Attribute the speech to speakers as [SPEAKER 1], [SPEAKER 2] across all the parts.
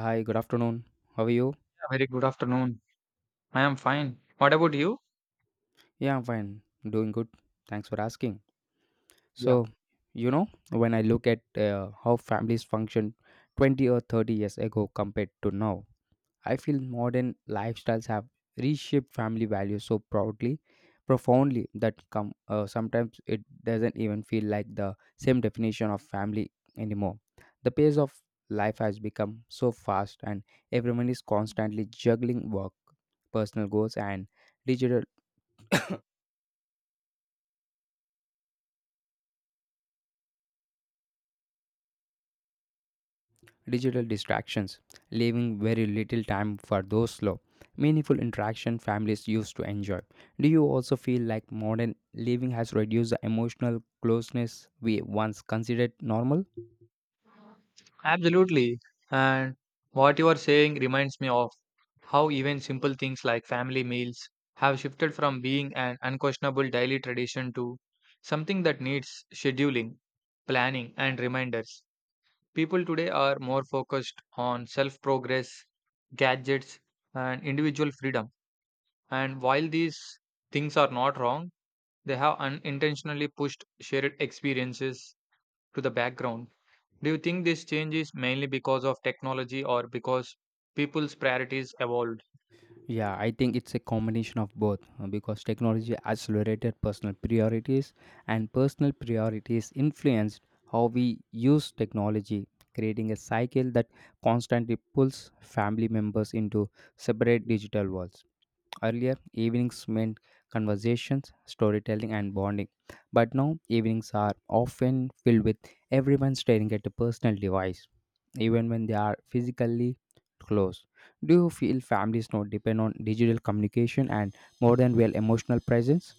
[SPEAKER 1] Hi, good afternoon. How are you?
[SPEAKER 2] Very good afternoon. I am fine. What about you?
[SPEAKER 1] Yeah, I'm fine. Doing good. Thanks for asking.
[SPEAKER 2] Yeah,
[SPEAKER 1] So, when I look at how families functioned 20 or 30 years ago compared to now, I feel modern lifestyles have reshaped family values so proudly, profoundly that come sometimes it doesn't even feel like the same definition of family anymore. The pace of life has become so fast and everyone is constantly juggling work, personal goals and digital digital distractions, leaving very little time for those slow, meaningful interaction families used to enjoy. Do you also feel like modern living has reduced the emotional closeness we once considered normal?
[SPEAKER 2] absolutely. And what you are saying reminds me of how even simple things like family meals have shifted from being an unquestionable daily tradition to something that needs scheduling, planning, and reminders. People today are more focused on self progress, gadgets, and individual freedom. And while these things are not wrong, they have unintentionally pushed shared experiences to the background. Do you think this change is mainly because of technology or because people's priorities evolved?
[SPEAKER 1] Yeah, I think it's a combination of both because technology accelerated personal priorities and personal priorities influenced how we use technology, creating a cycle that constantly pulls family members into separate digital worlds. Earlier, evenings meant conversations, storytelling, and bonding. But now, evenings are often filled with everyone staring at a personal device, even when they are physically close. Do you feel families now depend on digital communication and more than well emotional presence?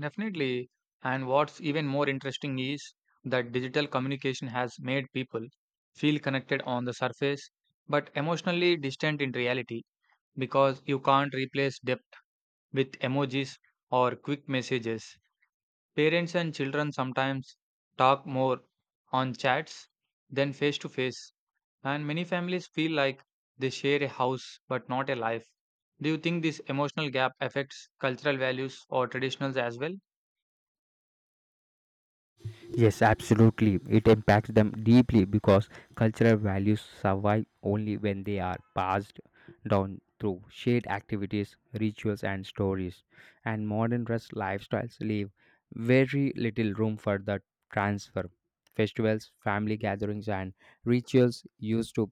[SPEAKER 2] Definitely. And what's even more interesting is that digital communication has made people feel connected on the surface but emotionally distant in reality because you can't replace depth with emojis or quick messages. Parents and children sometimes talk more on chats than face to face. And many families feel like they share a house but not a life. Do you think this emotional gap affects cultural values or traditions as well?
[SPEAKER 1] Yes, absolutely. It impacts them deeply because cultural values survive only when they are passed down through shared activities, rituals, and stories. And modern dress lifestyles leave very little room for the transfer. Festivals, family gatherings, and rituals used to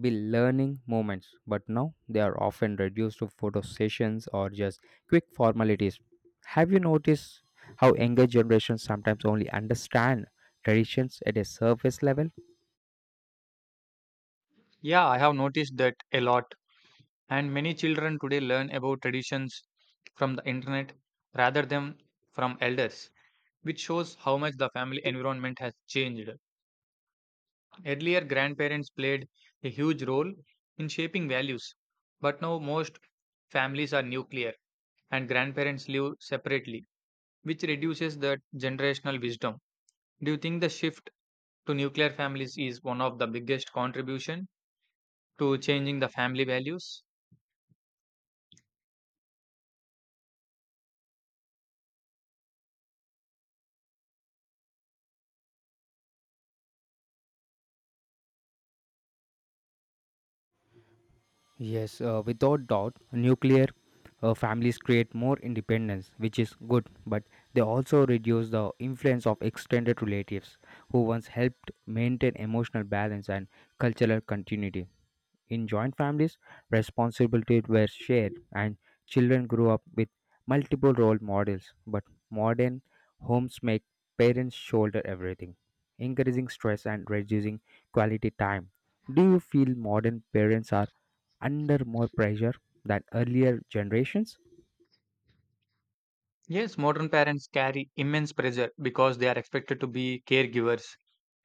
[SPEAKER 1] be learning moments, but now they are often reduced to photo sessions or just quick formalities. Have you noticed how younger generations sometimes only understand traditions at a surface level?
[SPEAKER 2] Yeah, I have noticed that a lot. And many children today learn about traditions from the internet rather than from elders, which shows how much the family environment has changed. Earlier, grandparents played a huge role in shaping values, but now most families are nuclear and grandparents live separately, which reduces the generational wisdom. Do you think the shift to nuclear families is one of the biggest contribution to changing the family values?
[SPEAKER 1] Yes, without doubt, nuclear families create more independence, which is good, but they also reduce the influence of extended relatives who once helped maintain emotional balance and cultural continuity. In joint families, responsibilities were shared and children grew up with multiple role models. But modern homes make parents shoulder everything, increasing stress and reducing quality time. Do you feel modern parents are under more pressure than earlier generations?
[SPEAKER 2] Yes, modern parents carry immense pressure because they are expected to be caregivers,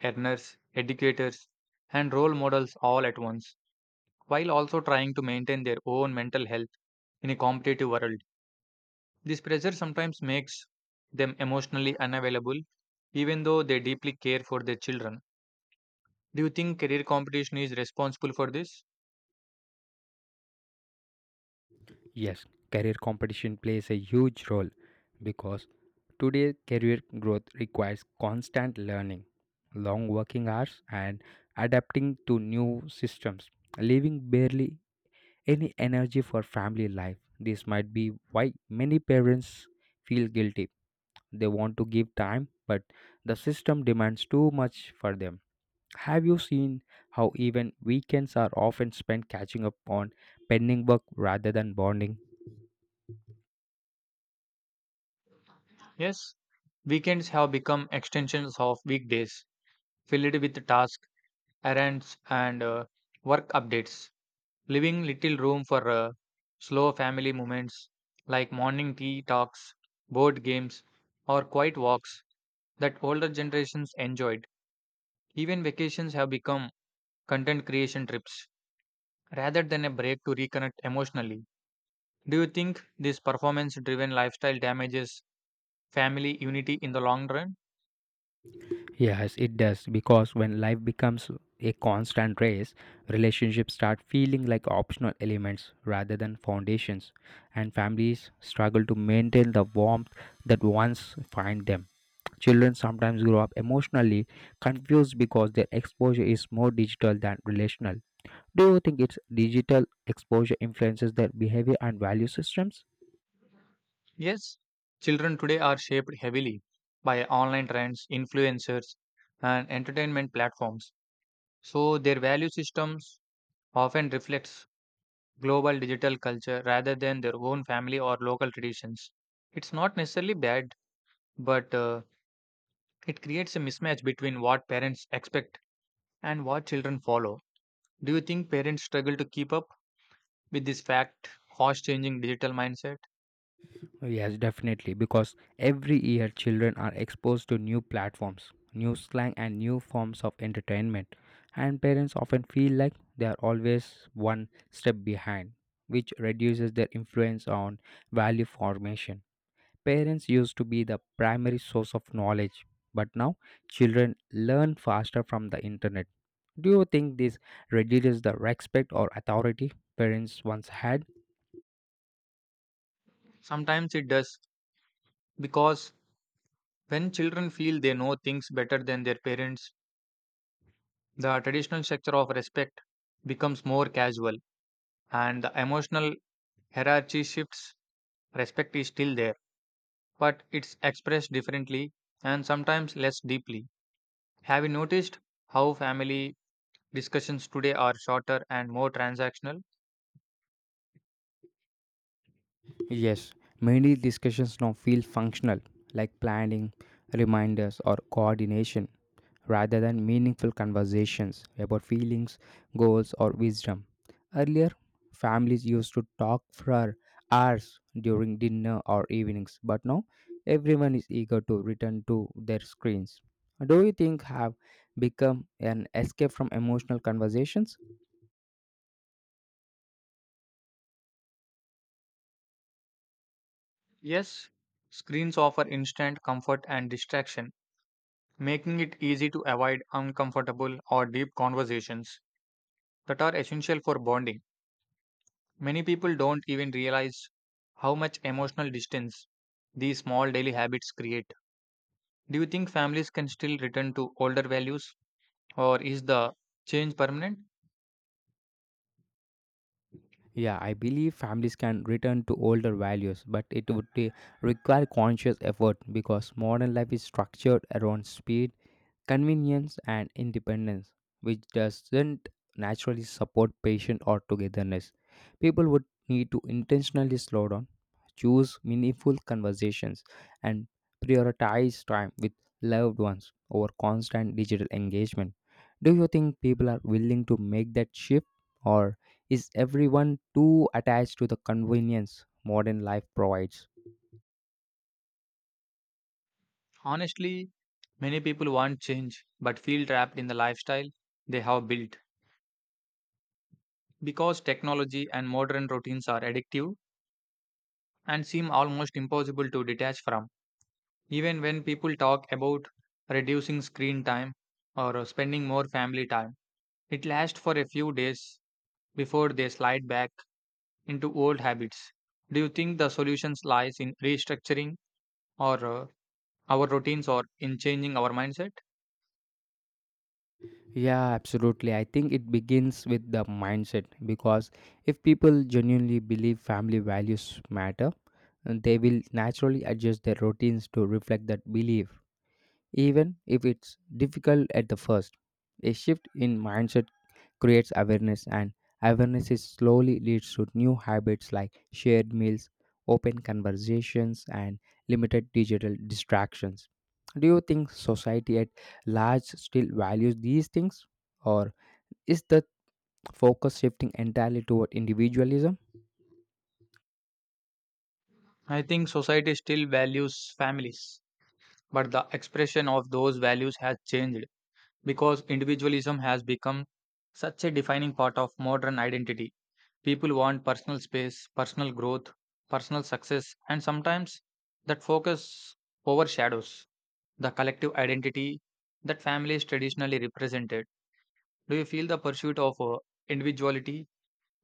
[SPEAKER 2] earners, educators, and role models all at once, while also trying to maintain their own mental health in a competitive world. This pressure sometimes makes them emotionally unavailable, even though they deeply care for their children. Do you think career competition is responsible for this?
[SPEAKER 1] Yes, career competition plays a huge role because today, career growth requires constant learning, long working hours, and adapting to new systems, leaving barely any energy for family life. This might be why many parents feel guilty. They want to give time, but the system demands too much for them. Have you seen how even weekends are often spent catching up on pending work rather than bonding?
[SPEAKER 2] Yes, weekends have become extensions of weekdays, filled with tasks, errands, and work updates, leaving little room for slow family moments like morning tea talks, board games, or quiet walks that older generations enjoyed. Even vacations have become content creation trips rather than a break to reconnect emotionally. Do you think this performance driven lifestyle damages family unity in the long run?
[SPEAKER 1] Yes, it does because when life becomes a constant race, relationships start feeling like optional elements rather than foundations, and families struggle to maintain the warmth that once find them. Children sometimes grow up emotionally confused because their exposure is more digital than relational. Do you think its digital exposure influences their behavior and value systems?
[SPEAKER 2] Yes, children today are shaped heavily by online trends, influencers, and entertainment platforms. So their value systems often reflects global digital culture rather than their own family or local traditions. It's not necessarily bad, but it creates a mismatch between what parents expect and what children follow. Do you think parents struggle to keep up with fast changing digital mindset?
[SPEAKER 1] Yes, definitely, because every year children are exposed to new platforms, new slang, and new forms of entertainment, and parents often feel like they are always one step behind, which reduces their influence on value formation. Parents used to be the primary source of knowledge, but now children learn faster from the internet. Do you think this reduces the respect or authority parents once had?
[SPEAKER 2] Sometimes it does, because when children feel they know things better than their parents, the traditional structure of respect becomes more casual and the emotional hierarchy shifts. Respect is still there, but it's expressed differently and sometimes less deeply. Have you noticed how family discussions today are shorter and more transactional?
[SPEAKER 1] Yes, many discussions now feel functional, like planning, reminders, or coordination, rather than meaningful conversations about feelings, goals, or wisdom. Earlier, families used to talk for hours during dinner or evenings, but now everyone is eager to return to their screens. Do you think have become an escape from emotional conversations?
[SPEAKER 2] Yes, screens offer instant comfort and distraction, making it easy to avoid uncomfortable or deep conversations that are essential for bonding. Many people don't even realize how much emotional distance these small daily habits create. Do you think families can still return to older values or is the change permanent?
[SPEAKER 1] Yeah, I believe families can return to older values, but require conscious effort because modern life is structured around speed convenience and independence, which doesn't naturally support patience or togetherness. People would need to intentionally slow down, choose meaningful conversations, and prioritize time with loved ones over constant digital engagement. Do you think people are willing to make that shift, or is everyone too attached to the convenience modern life provides?
[SPEAKER 2] Honestly, many people want change but feel trapped in the lifestyle they have built because technology and modern routines are addictive and seem almost impossible to detach from. Even when people talk about reducing screen time or spending more family time, it lasts for a few days before they slide back into old habits. Do you think the solutions lies in restructuring, or our routines, or in changing our mindset?
[SPEAKER 1] Yeah, absolutely. I think it begins with the mindset because if people genuinely believe family values matter, they will naturally adjust their routines to reflect that belief, even if it's difficult at the first. A shift in mindset creates awareness, and awareness is slowly leads to new habits like shared meals, open conversations, and limited digital distractions. Do you think society at large still values these things, or is the focus shifting entirely toward individualism?
[SPEAKER 2] I think society still values families, but the expression of those values has changed because individualism has become such a defining part of modern identity. People want personal space, personal growth, personal success, and sometimes that focus overshadows the collective identity that families traditionally represented. Do you feel the pursuit of individuality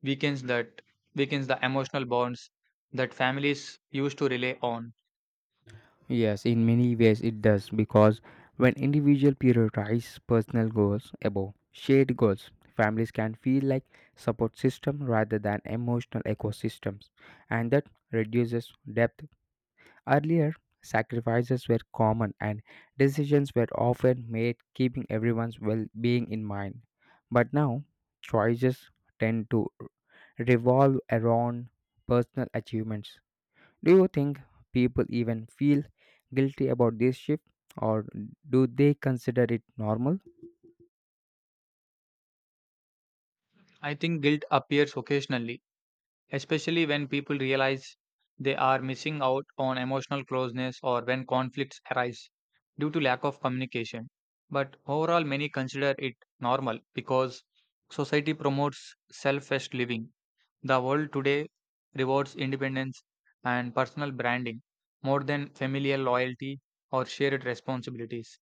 [SPEAKER 2] weakens that weakens the emotional bonds that families used to rely on?
[SPEAKER 1] Yes, in many ways it does because when individuals prioritize personal goals above shared goals, families can feel like support system rather than emotional ecosystems, and that reduces depth. Earlier, sacrifices were common and decisions were often made keeping everyone's well-being in mind. But now, choices tend to revolve around personal achievements. Do you think people even feel guilty about this shift or do they consider it normal?
[SPEAKER 2] I think guilt appears occasionally, especially when people realize they are missing out on emotional closeness or when conflicts arise due to lack of communication. But overall, many consider it normal because society promotes selfish living. The world today rewards independence and personal branding more than familial loyalty or shared responsibilities.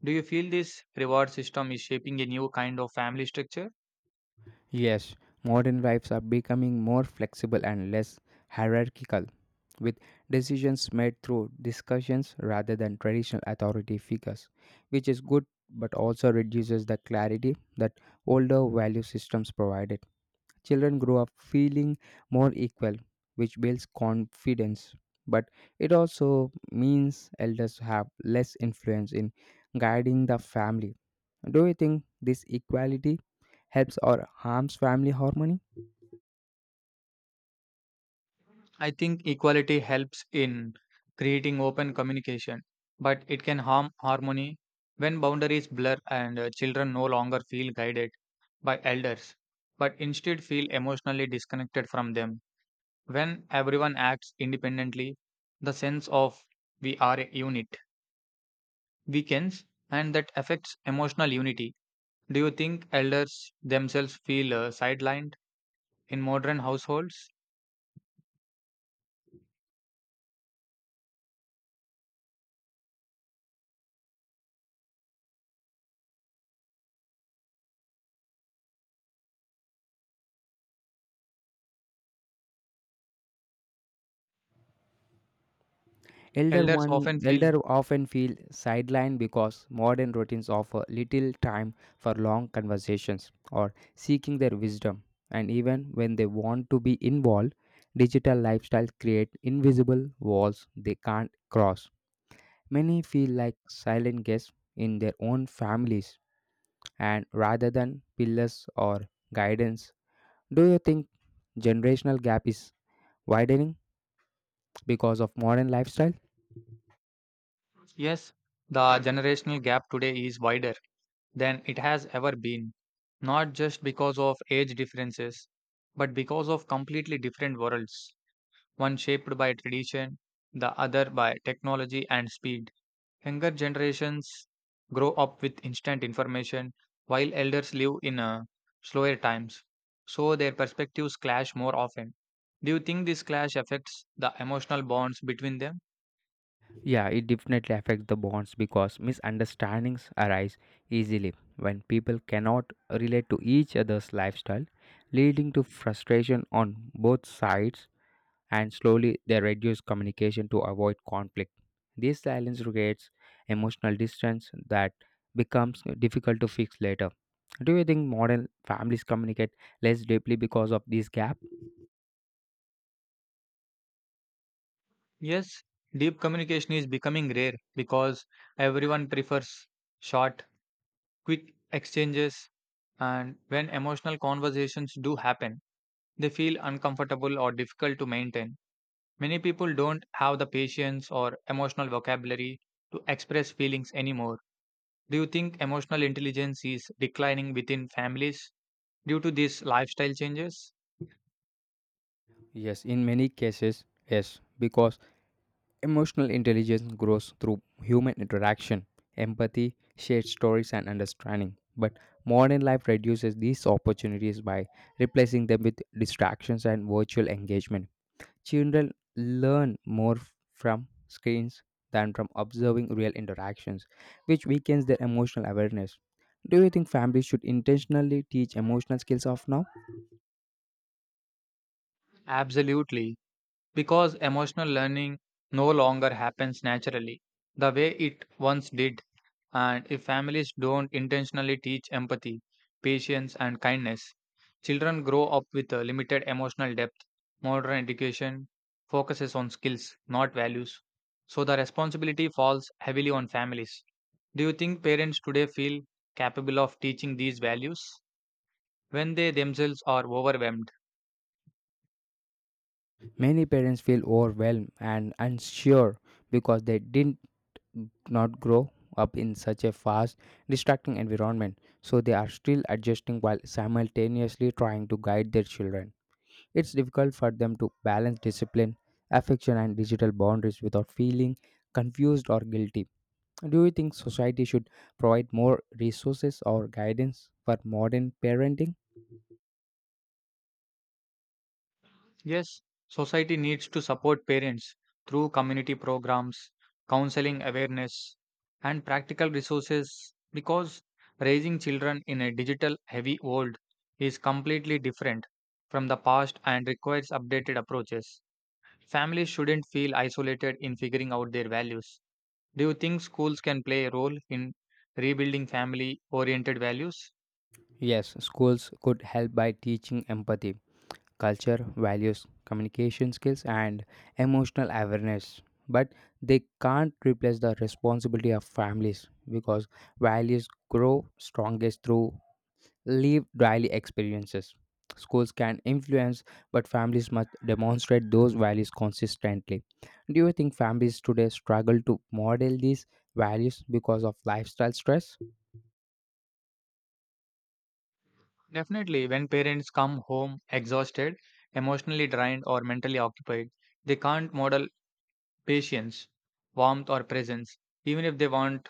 [SPEAKER 2] Do you feel this reward system is shaping a new kind of family structure?
[SPEAKER 1] Yes, modern lives are becoming more flexible and less hierarchical, with decisions made through discussions rather than traditional authority figures, which is good but also reduces the clarity that older value systems provided. Children grow up feeling more equal, which builds confidence. But it also means elders have less influence in guiding the family. Do you think this equality helps or harms family harmony?
[SPEAKER 2] I think equality helps in creating open communication, but it can harm harmony when boundaries blur and children no longer feel guided by elders, but instead feel emotionally disconnected from them. When everyone acts independently, the sense of "we are a unit" weakens and that affects emotional unity. Do you think elders themselves feel sidelined in modern households? Elders often feel,
[SPEAKER 1] Elder often feel sidelined because modern routines offer little time for long conversations or seeking their wisdom. And even when they want to be involved, digital lifestyles create invisible walls they can't cross. Many feel like silent guests in their own families and rather than pillars or guidance. Do you think generational gap is widening because of modern lifestyle?
[SPEAKER 2] yes, the generational gap today is wider than it has ever been, not just because of age differences, but because of completely different worlds, one shaped by tradition, the other by technology and speed. Younger generations grow up with instant information, while elders live in slower times, so their perspectives clash more often. Do you think this clash affects the emotional bonds between them?
[SPEAKER 1] Yeah, it definitely affects the bonds because misunderstandings arise easily when people cannot relate to each other's lifestyle, leading to frustration on both sides, and slowly they reduce communication to avoid conflict. This silence creates emotional distance that becomes difficult to fix later. Do you think modern families communicate less deeply because of this gap?
[SPEAKER 2] Yes, deep communication is becoming rare because everyone prefers short, quick exchanges, and when emotional conversations do happen, they feel uncomfortable or difficult to maintain. Many people don't have the patience or emotional vocabulary to express feelings anymore. Do you think emotional intelligence is declining within families due to these lifestyle changes?
[SPEAKER 1] Yes, in many cases, yes, because emotional intelligence grows through human interaction, empathy, shared stories, and understanding. But modern life reduces these opportunities by replacing them with distractions and virtual engagement. Children learn more from screens than from observing real interactions, which weakens their emotional awareness. Do you think families should intentionally teach emotional skills of now?
[SPEAKER 2] Absolutely, because emotional learning no longer happens naturally the way it once did. And if families don't intentionally teach empathy, patience, and kindness, children grow up with a limited emotional depth. Modern education focuses on skills, not values. So the responsibility falls heavily on families. Do you think parents today feel capable of teaching these values when they themselves are overwhelmed?
[SPEAKER 1] Many parents feel overwhelmed and unsure because they didn't not grow up in such a fast, distracting environment, so they are still adjusting while simultaneously trying to guide their children. It's difficult for them to balance discipline, affection, and digital boundaries without feeling confused or guilty. Do you think society should provide more resources or guidance for modern parenting?
[SPEAKER 2] Yes, society needs to support parents through community programs, counseling awareness, and practical resources because raising children in a digital heavy world is completely different from the past and requires updated approaches. Families shouldn't feel isolated in figuring out their values. Do you think schools can play a role in rebuilding family oriented values?
[SPEAKER 1] Yes, schools could help by teaching empathy culture, values, communication skills, and emotional awareness. But they can't replace the responsibility of families because values grow strongest through live daily experiences. Schools can influence, but families must demonstrate those values consistently. Do you think families today struggle to model these values because of lifestyle stress?
[SPEAKER 2] Definitely, when parents come home exhausted, emotionally drained, or mentally occupied, they can't model patience, warmth, or presence, even if they want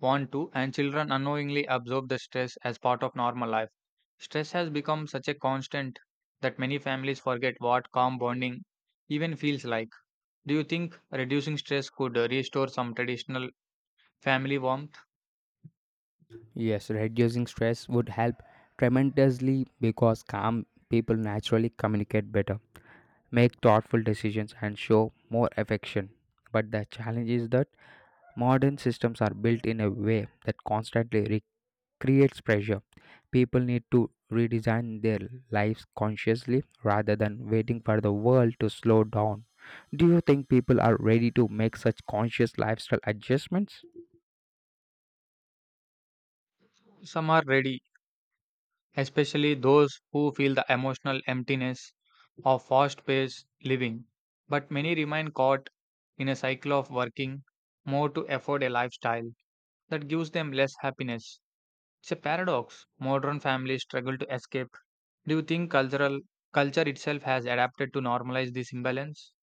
[SPEAKER 2] want to, and children unknowingly absorb the stress as part of normal life. Stress has become such a constant that many families forget what calm bonding even feels like. Do you think reducing stress could restore some traditional family warmth?
[SPEAKER 1] Yes, reducing stress would help tremendously because calm people naturally communicate better, make thoughtful decisions, and show more affection. But the challenge is that modern systems are built in a way that constantly creates pressure. People need to redesign their lives consciously rather than waiting for the world to slow down. Do you think people are ready to make such conscious lifestyle adjustments?
[SPEAKER 2] Some are ready, especially those who feel the emotional emptiness of fast paced living. But many remain caught in a cycle of working more to afford a lifestyle that gives them less happiness. It's a paradox modern families struggle to escape. Do you think cultural culture itself has adapted to normalize this imbalance?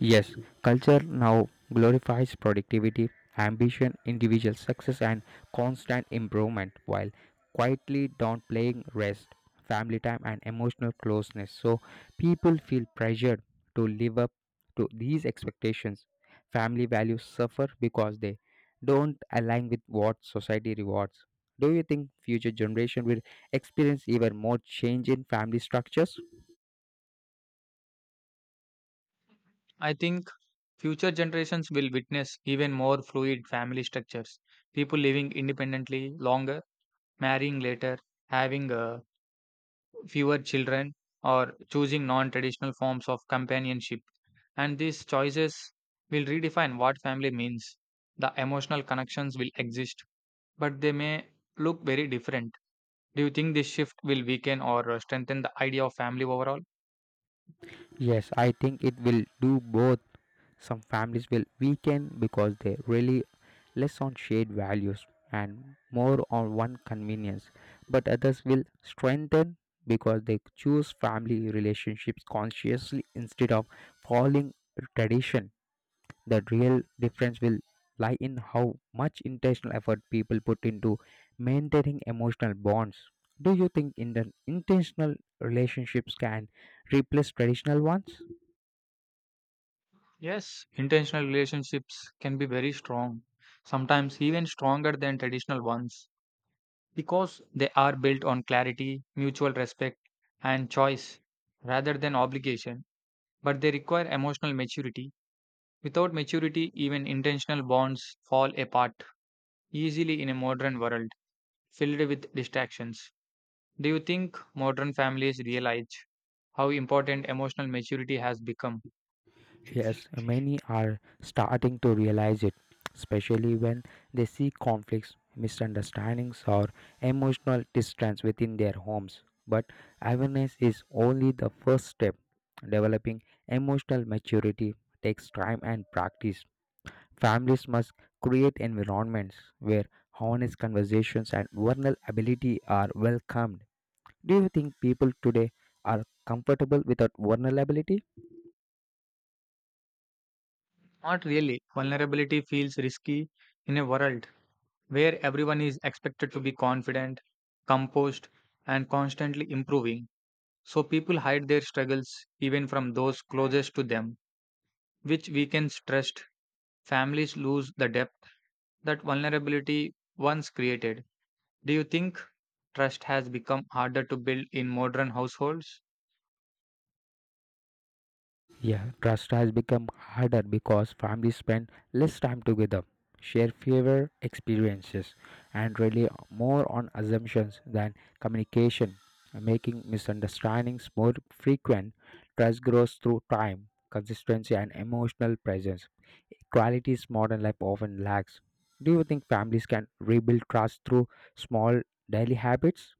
[SPEAKER 1] Yes, culture now glorifies productivity, ambition, individual success, and constant improvement while quietly downplaying rest, family time, and emotional closeness. So, people feel pressured to live up to these expectations. Family values suffer because they don't align with what society rewards. Do you think future generation will experience even more change in family structures?
[SPEAKER 2] I think future generations will witness even more fluid family structures. People living independently longer, marrying later, having a fewer children or choosing non traditional forms of companionship. And these choices will redefine what family means. The emotional connections will exist, but they may look very different. Do you think this shift will weaken or strengthen the idea of family overall?
[SPEAKER 1] Yes, I think it will do both. Some families will weaken because they rely less on shared values and more on one convenience, but others will strengthen because they choose family relationships consciously instead of following tradition. The real difference will lie in how much intentional effort people put into maintaining emotional bonds. Do you think in the intentional relationships can replace traditional ones?
[SPEAKER 2] Yes, intentional relationships can be very strong, sometimes even stronger than traditional ones, because they are built on clarity, mutual respect, and choice rather than obligation, but they require emotional maturity. Without maturity, even intentional bonds fall apart easily in a modern world filled with distractions. Do you think modern families realize how important emotional maturity has become?
[SPEAKER 1] Yes, many are starting to realize it, especially when they see conflicts, misunderstandings, or emotional distance within their homes. But awareness is only the first step. Developing emotional maturity takes time and practice. Families must create environments where honest conversations and vulnerability are welcomed. Do you think people today are comfortable without vulnerability?
[SPEAKER 2] Not really. Vulnerability feels risky in a world where everyone is expected to be confident, composed, and constantly improving. So people hide their struggles even from those closest to them, which weakens trust. Families lose the depth that vulnerability once created. Do you think trust has become harder to build in modern households?
[SPEAKER 1] Yeah, trust has become harder because families spend less time together, share fewer experiences, and rely more on assumptions than communication, making misunderstandings more frequent. Trust grows through time, consistency, and emotional presence. Qualities modern life often lacks. Do you think families can rebuild trust through small daily habits?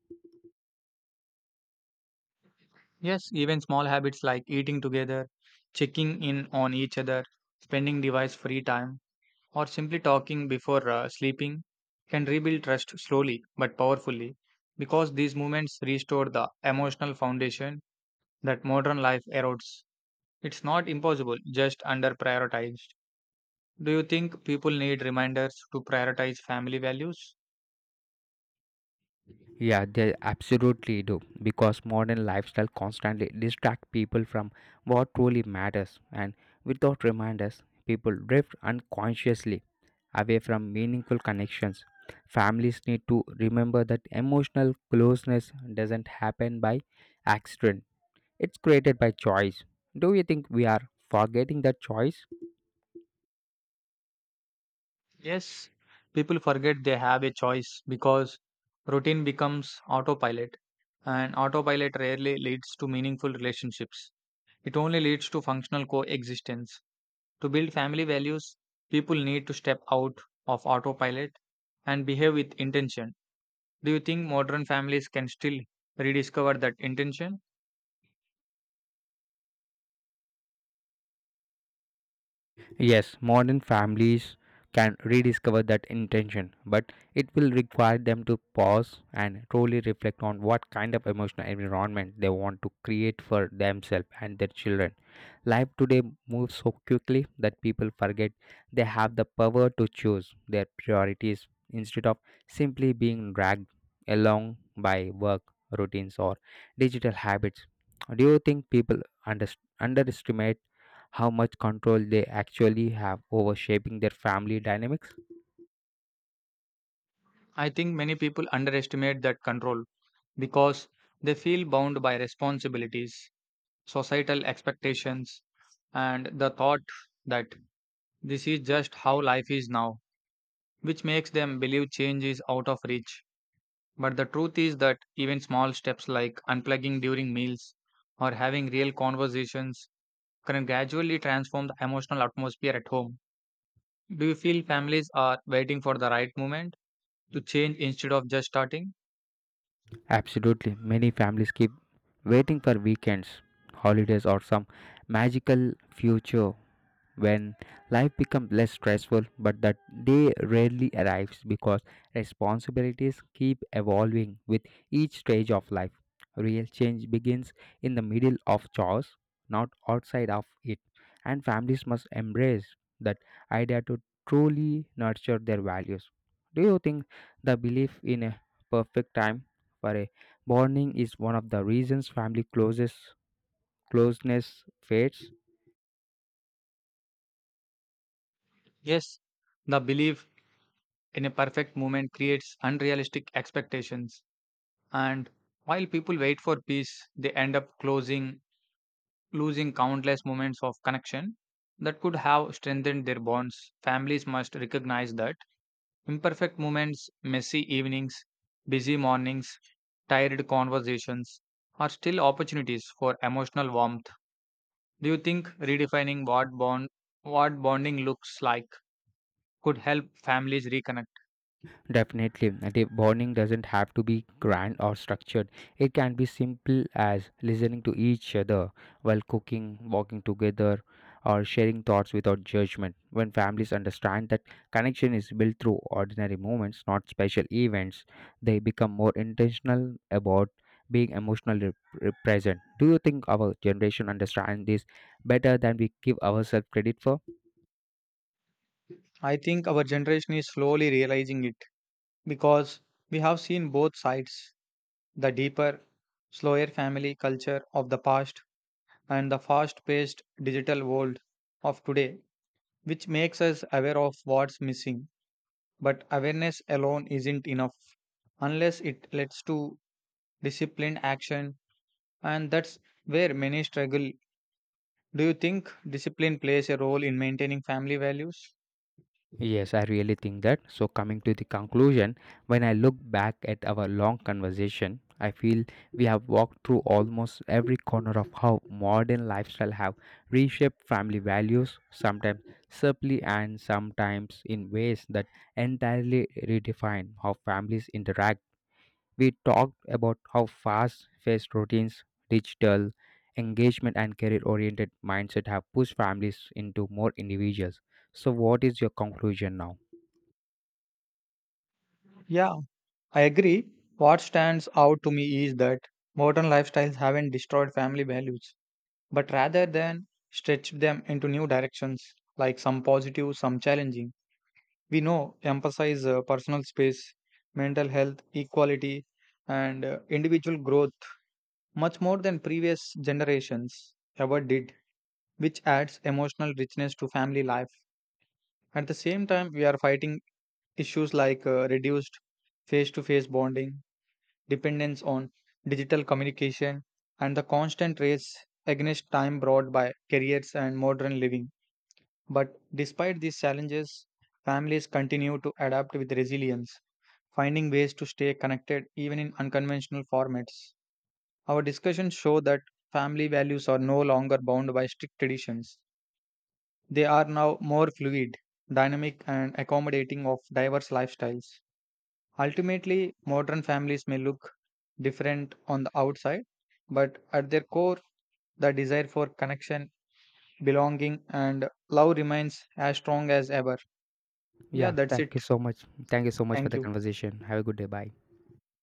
[SPEAKER 2] Yes, even small habits like eating together, checking in on each other, spending device free time, or simply talking before sleeping can rebuild trust slowly but powerfully because these movements restore the emotional foundation that modern life erodes. It's not impossible, just under prioritized. Do you think people need reminders to prioritize family values?
[SPEAKER 1] Yeah, they absolutely do because modern lifestyle constantly distract people from what truly matters and without reminders people drift unconsciously away from meaningful connections. Families need to remember that emotional closeness doesn't happen by accident. It's created by choice. Do you think we are forgetting that choice?
[SPEAKER 2] Yes, people forget they have a choice because routine becomes autopilot, and autopilot rarely leads to meaningful relationships. It only leads to functional coexistence. To build family values, people need to step out of autopilot and behave with intention. Do you think modern families can still rediscover that intention?
[SPEAKER 1] Yes, modern families can rediscover that intention, but it will require them to pause and truly reflect on what kind of emotional environment they want to create for themselves and their children. Life today moves so quickly that people forget they have the power to choose their priorities instead of simply being dragged along by work routines or digital habits. Do you think people under- underestimate how much control they actually have over shaping their family dynamics?
[SPEAKER 2] I think many people underestimate that control because they feel bound by responsibilities, societal expectations, and the thought that this is just how life is now, which makes them believe change is out of reach. But the truth is that even small steps like unplugging during meals or having real conversations can gradually transform the emotional atmosphere at home. Do you feel families are waiting for the right moment to change instead of just starting?
[SPEAKER 1] Absolutely. Many families keep waiting for weekends, holidays, or some magical future when life becomes less stressful, but that day rarely arrives because responsibilities keep evolving with each stage of life. Real change begins in the middle of chores, not outside of it, and families must embrace that idea to truly nurture their values. Do you think the belief in a perfect time for a bonding is one of the reasons family closes closeness fades?
[SPEAKER 2] Yes, the belief in a perfect moment creates unrealistic expectations. And while people wait for peace, they end up closing, losing countless moments of connection that could have strengthened their bonds. Families must recognize that imperfect moments, messy evenings, busy mornings, tired conversations are still opportunities for emotional warmth. Do you think redefining what bonding looks like could help families reconnect?
[SPEAKER 1] Definitely, the bonding doesn't have to be grand or structured. It can be simple as listening to each other while cooking, walking together, or sharing thoughts without judgment. When families understand that connection is built through ordinary moments, not special events, they become more intentional about being emotionally present. Do you think our generation understands this better than we give ourselves credit for?
[SPEAKER 2] I think our generation is slowly realizing it because we have seen both sides, the deeper, slower family culture of the past and the fast paced digital world of today, which makes us aware of what's missing. But awareness alone isn't enough unless it leads to disciplined action, and that's where many struggle. Do you think discipline plays a role in maintaining family values?
[SPEAKER 1] Yes, I really think that. So, coming to the conclusion, when I look back at our long conversation, I feel we have walked through almost every corner of how modern lifestyle have reshaped family values, sometimes subtly and sometimes in ways that entirely redefine how families interact. We talked about how fast-paced routines, digital engagement, and career-oriented mindset have pushed families into more individuals. So, what is your conclusion now?
[SPEAKER 2] Yeah, I agree. What stands out to me is that modern lifestyles haven't destroyed family values, but rather than stretched them into new directions, like some positive, some challenging. We know emphasize personal space, mental health, equality, and individual growth much more than previous generations ever did, which adds emotional richness to family life. At the same time, we are fighting issues like reduced face to face bonding, dependence on digital communication, and the constant race against time brought by careers and modern living. But despite these challenges, families continue to adapt with resilience, finding ways to stay connected even in unconventional formats. Our discussions show that family values are no longer bound by strict traditions. They are now more fluid, dynamic, and accommodating of diverse lifestyles. Ultimately, modern families may look different on the outside, but at their core, the desire for connection, belonging, and love remains as strong as ever. Yeah,
[SPEAKER 1] Yeah,
[SPEAKER 2] that's
[SPEAKER 1] thank you
[SPEAKER 2] it.
[SPEAKER 1] so much. Thank you so much for
[SPEAKER 2] Thank
[SPEAKER 1] the
[SPEAKER 2] you.
[SPEAKER 1] conversation. Have a good day. Bye.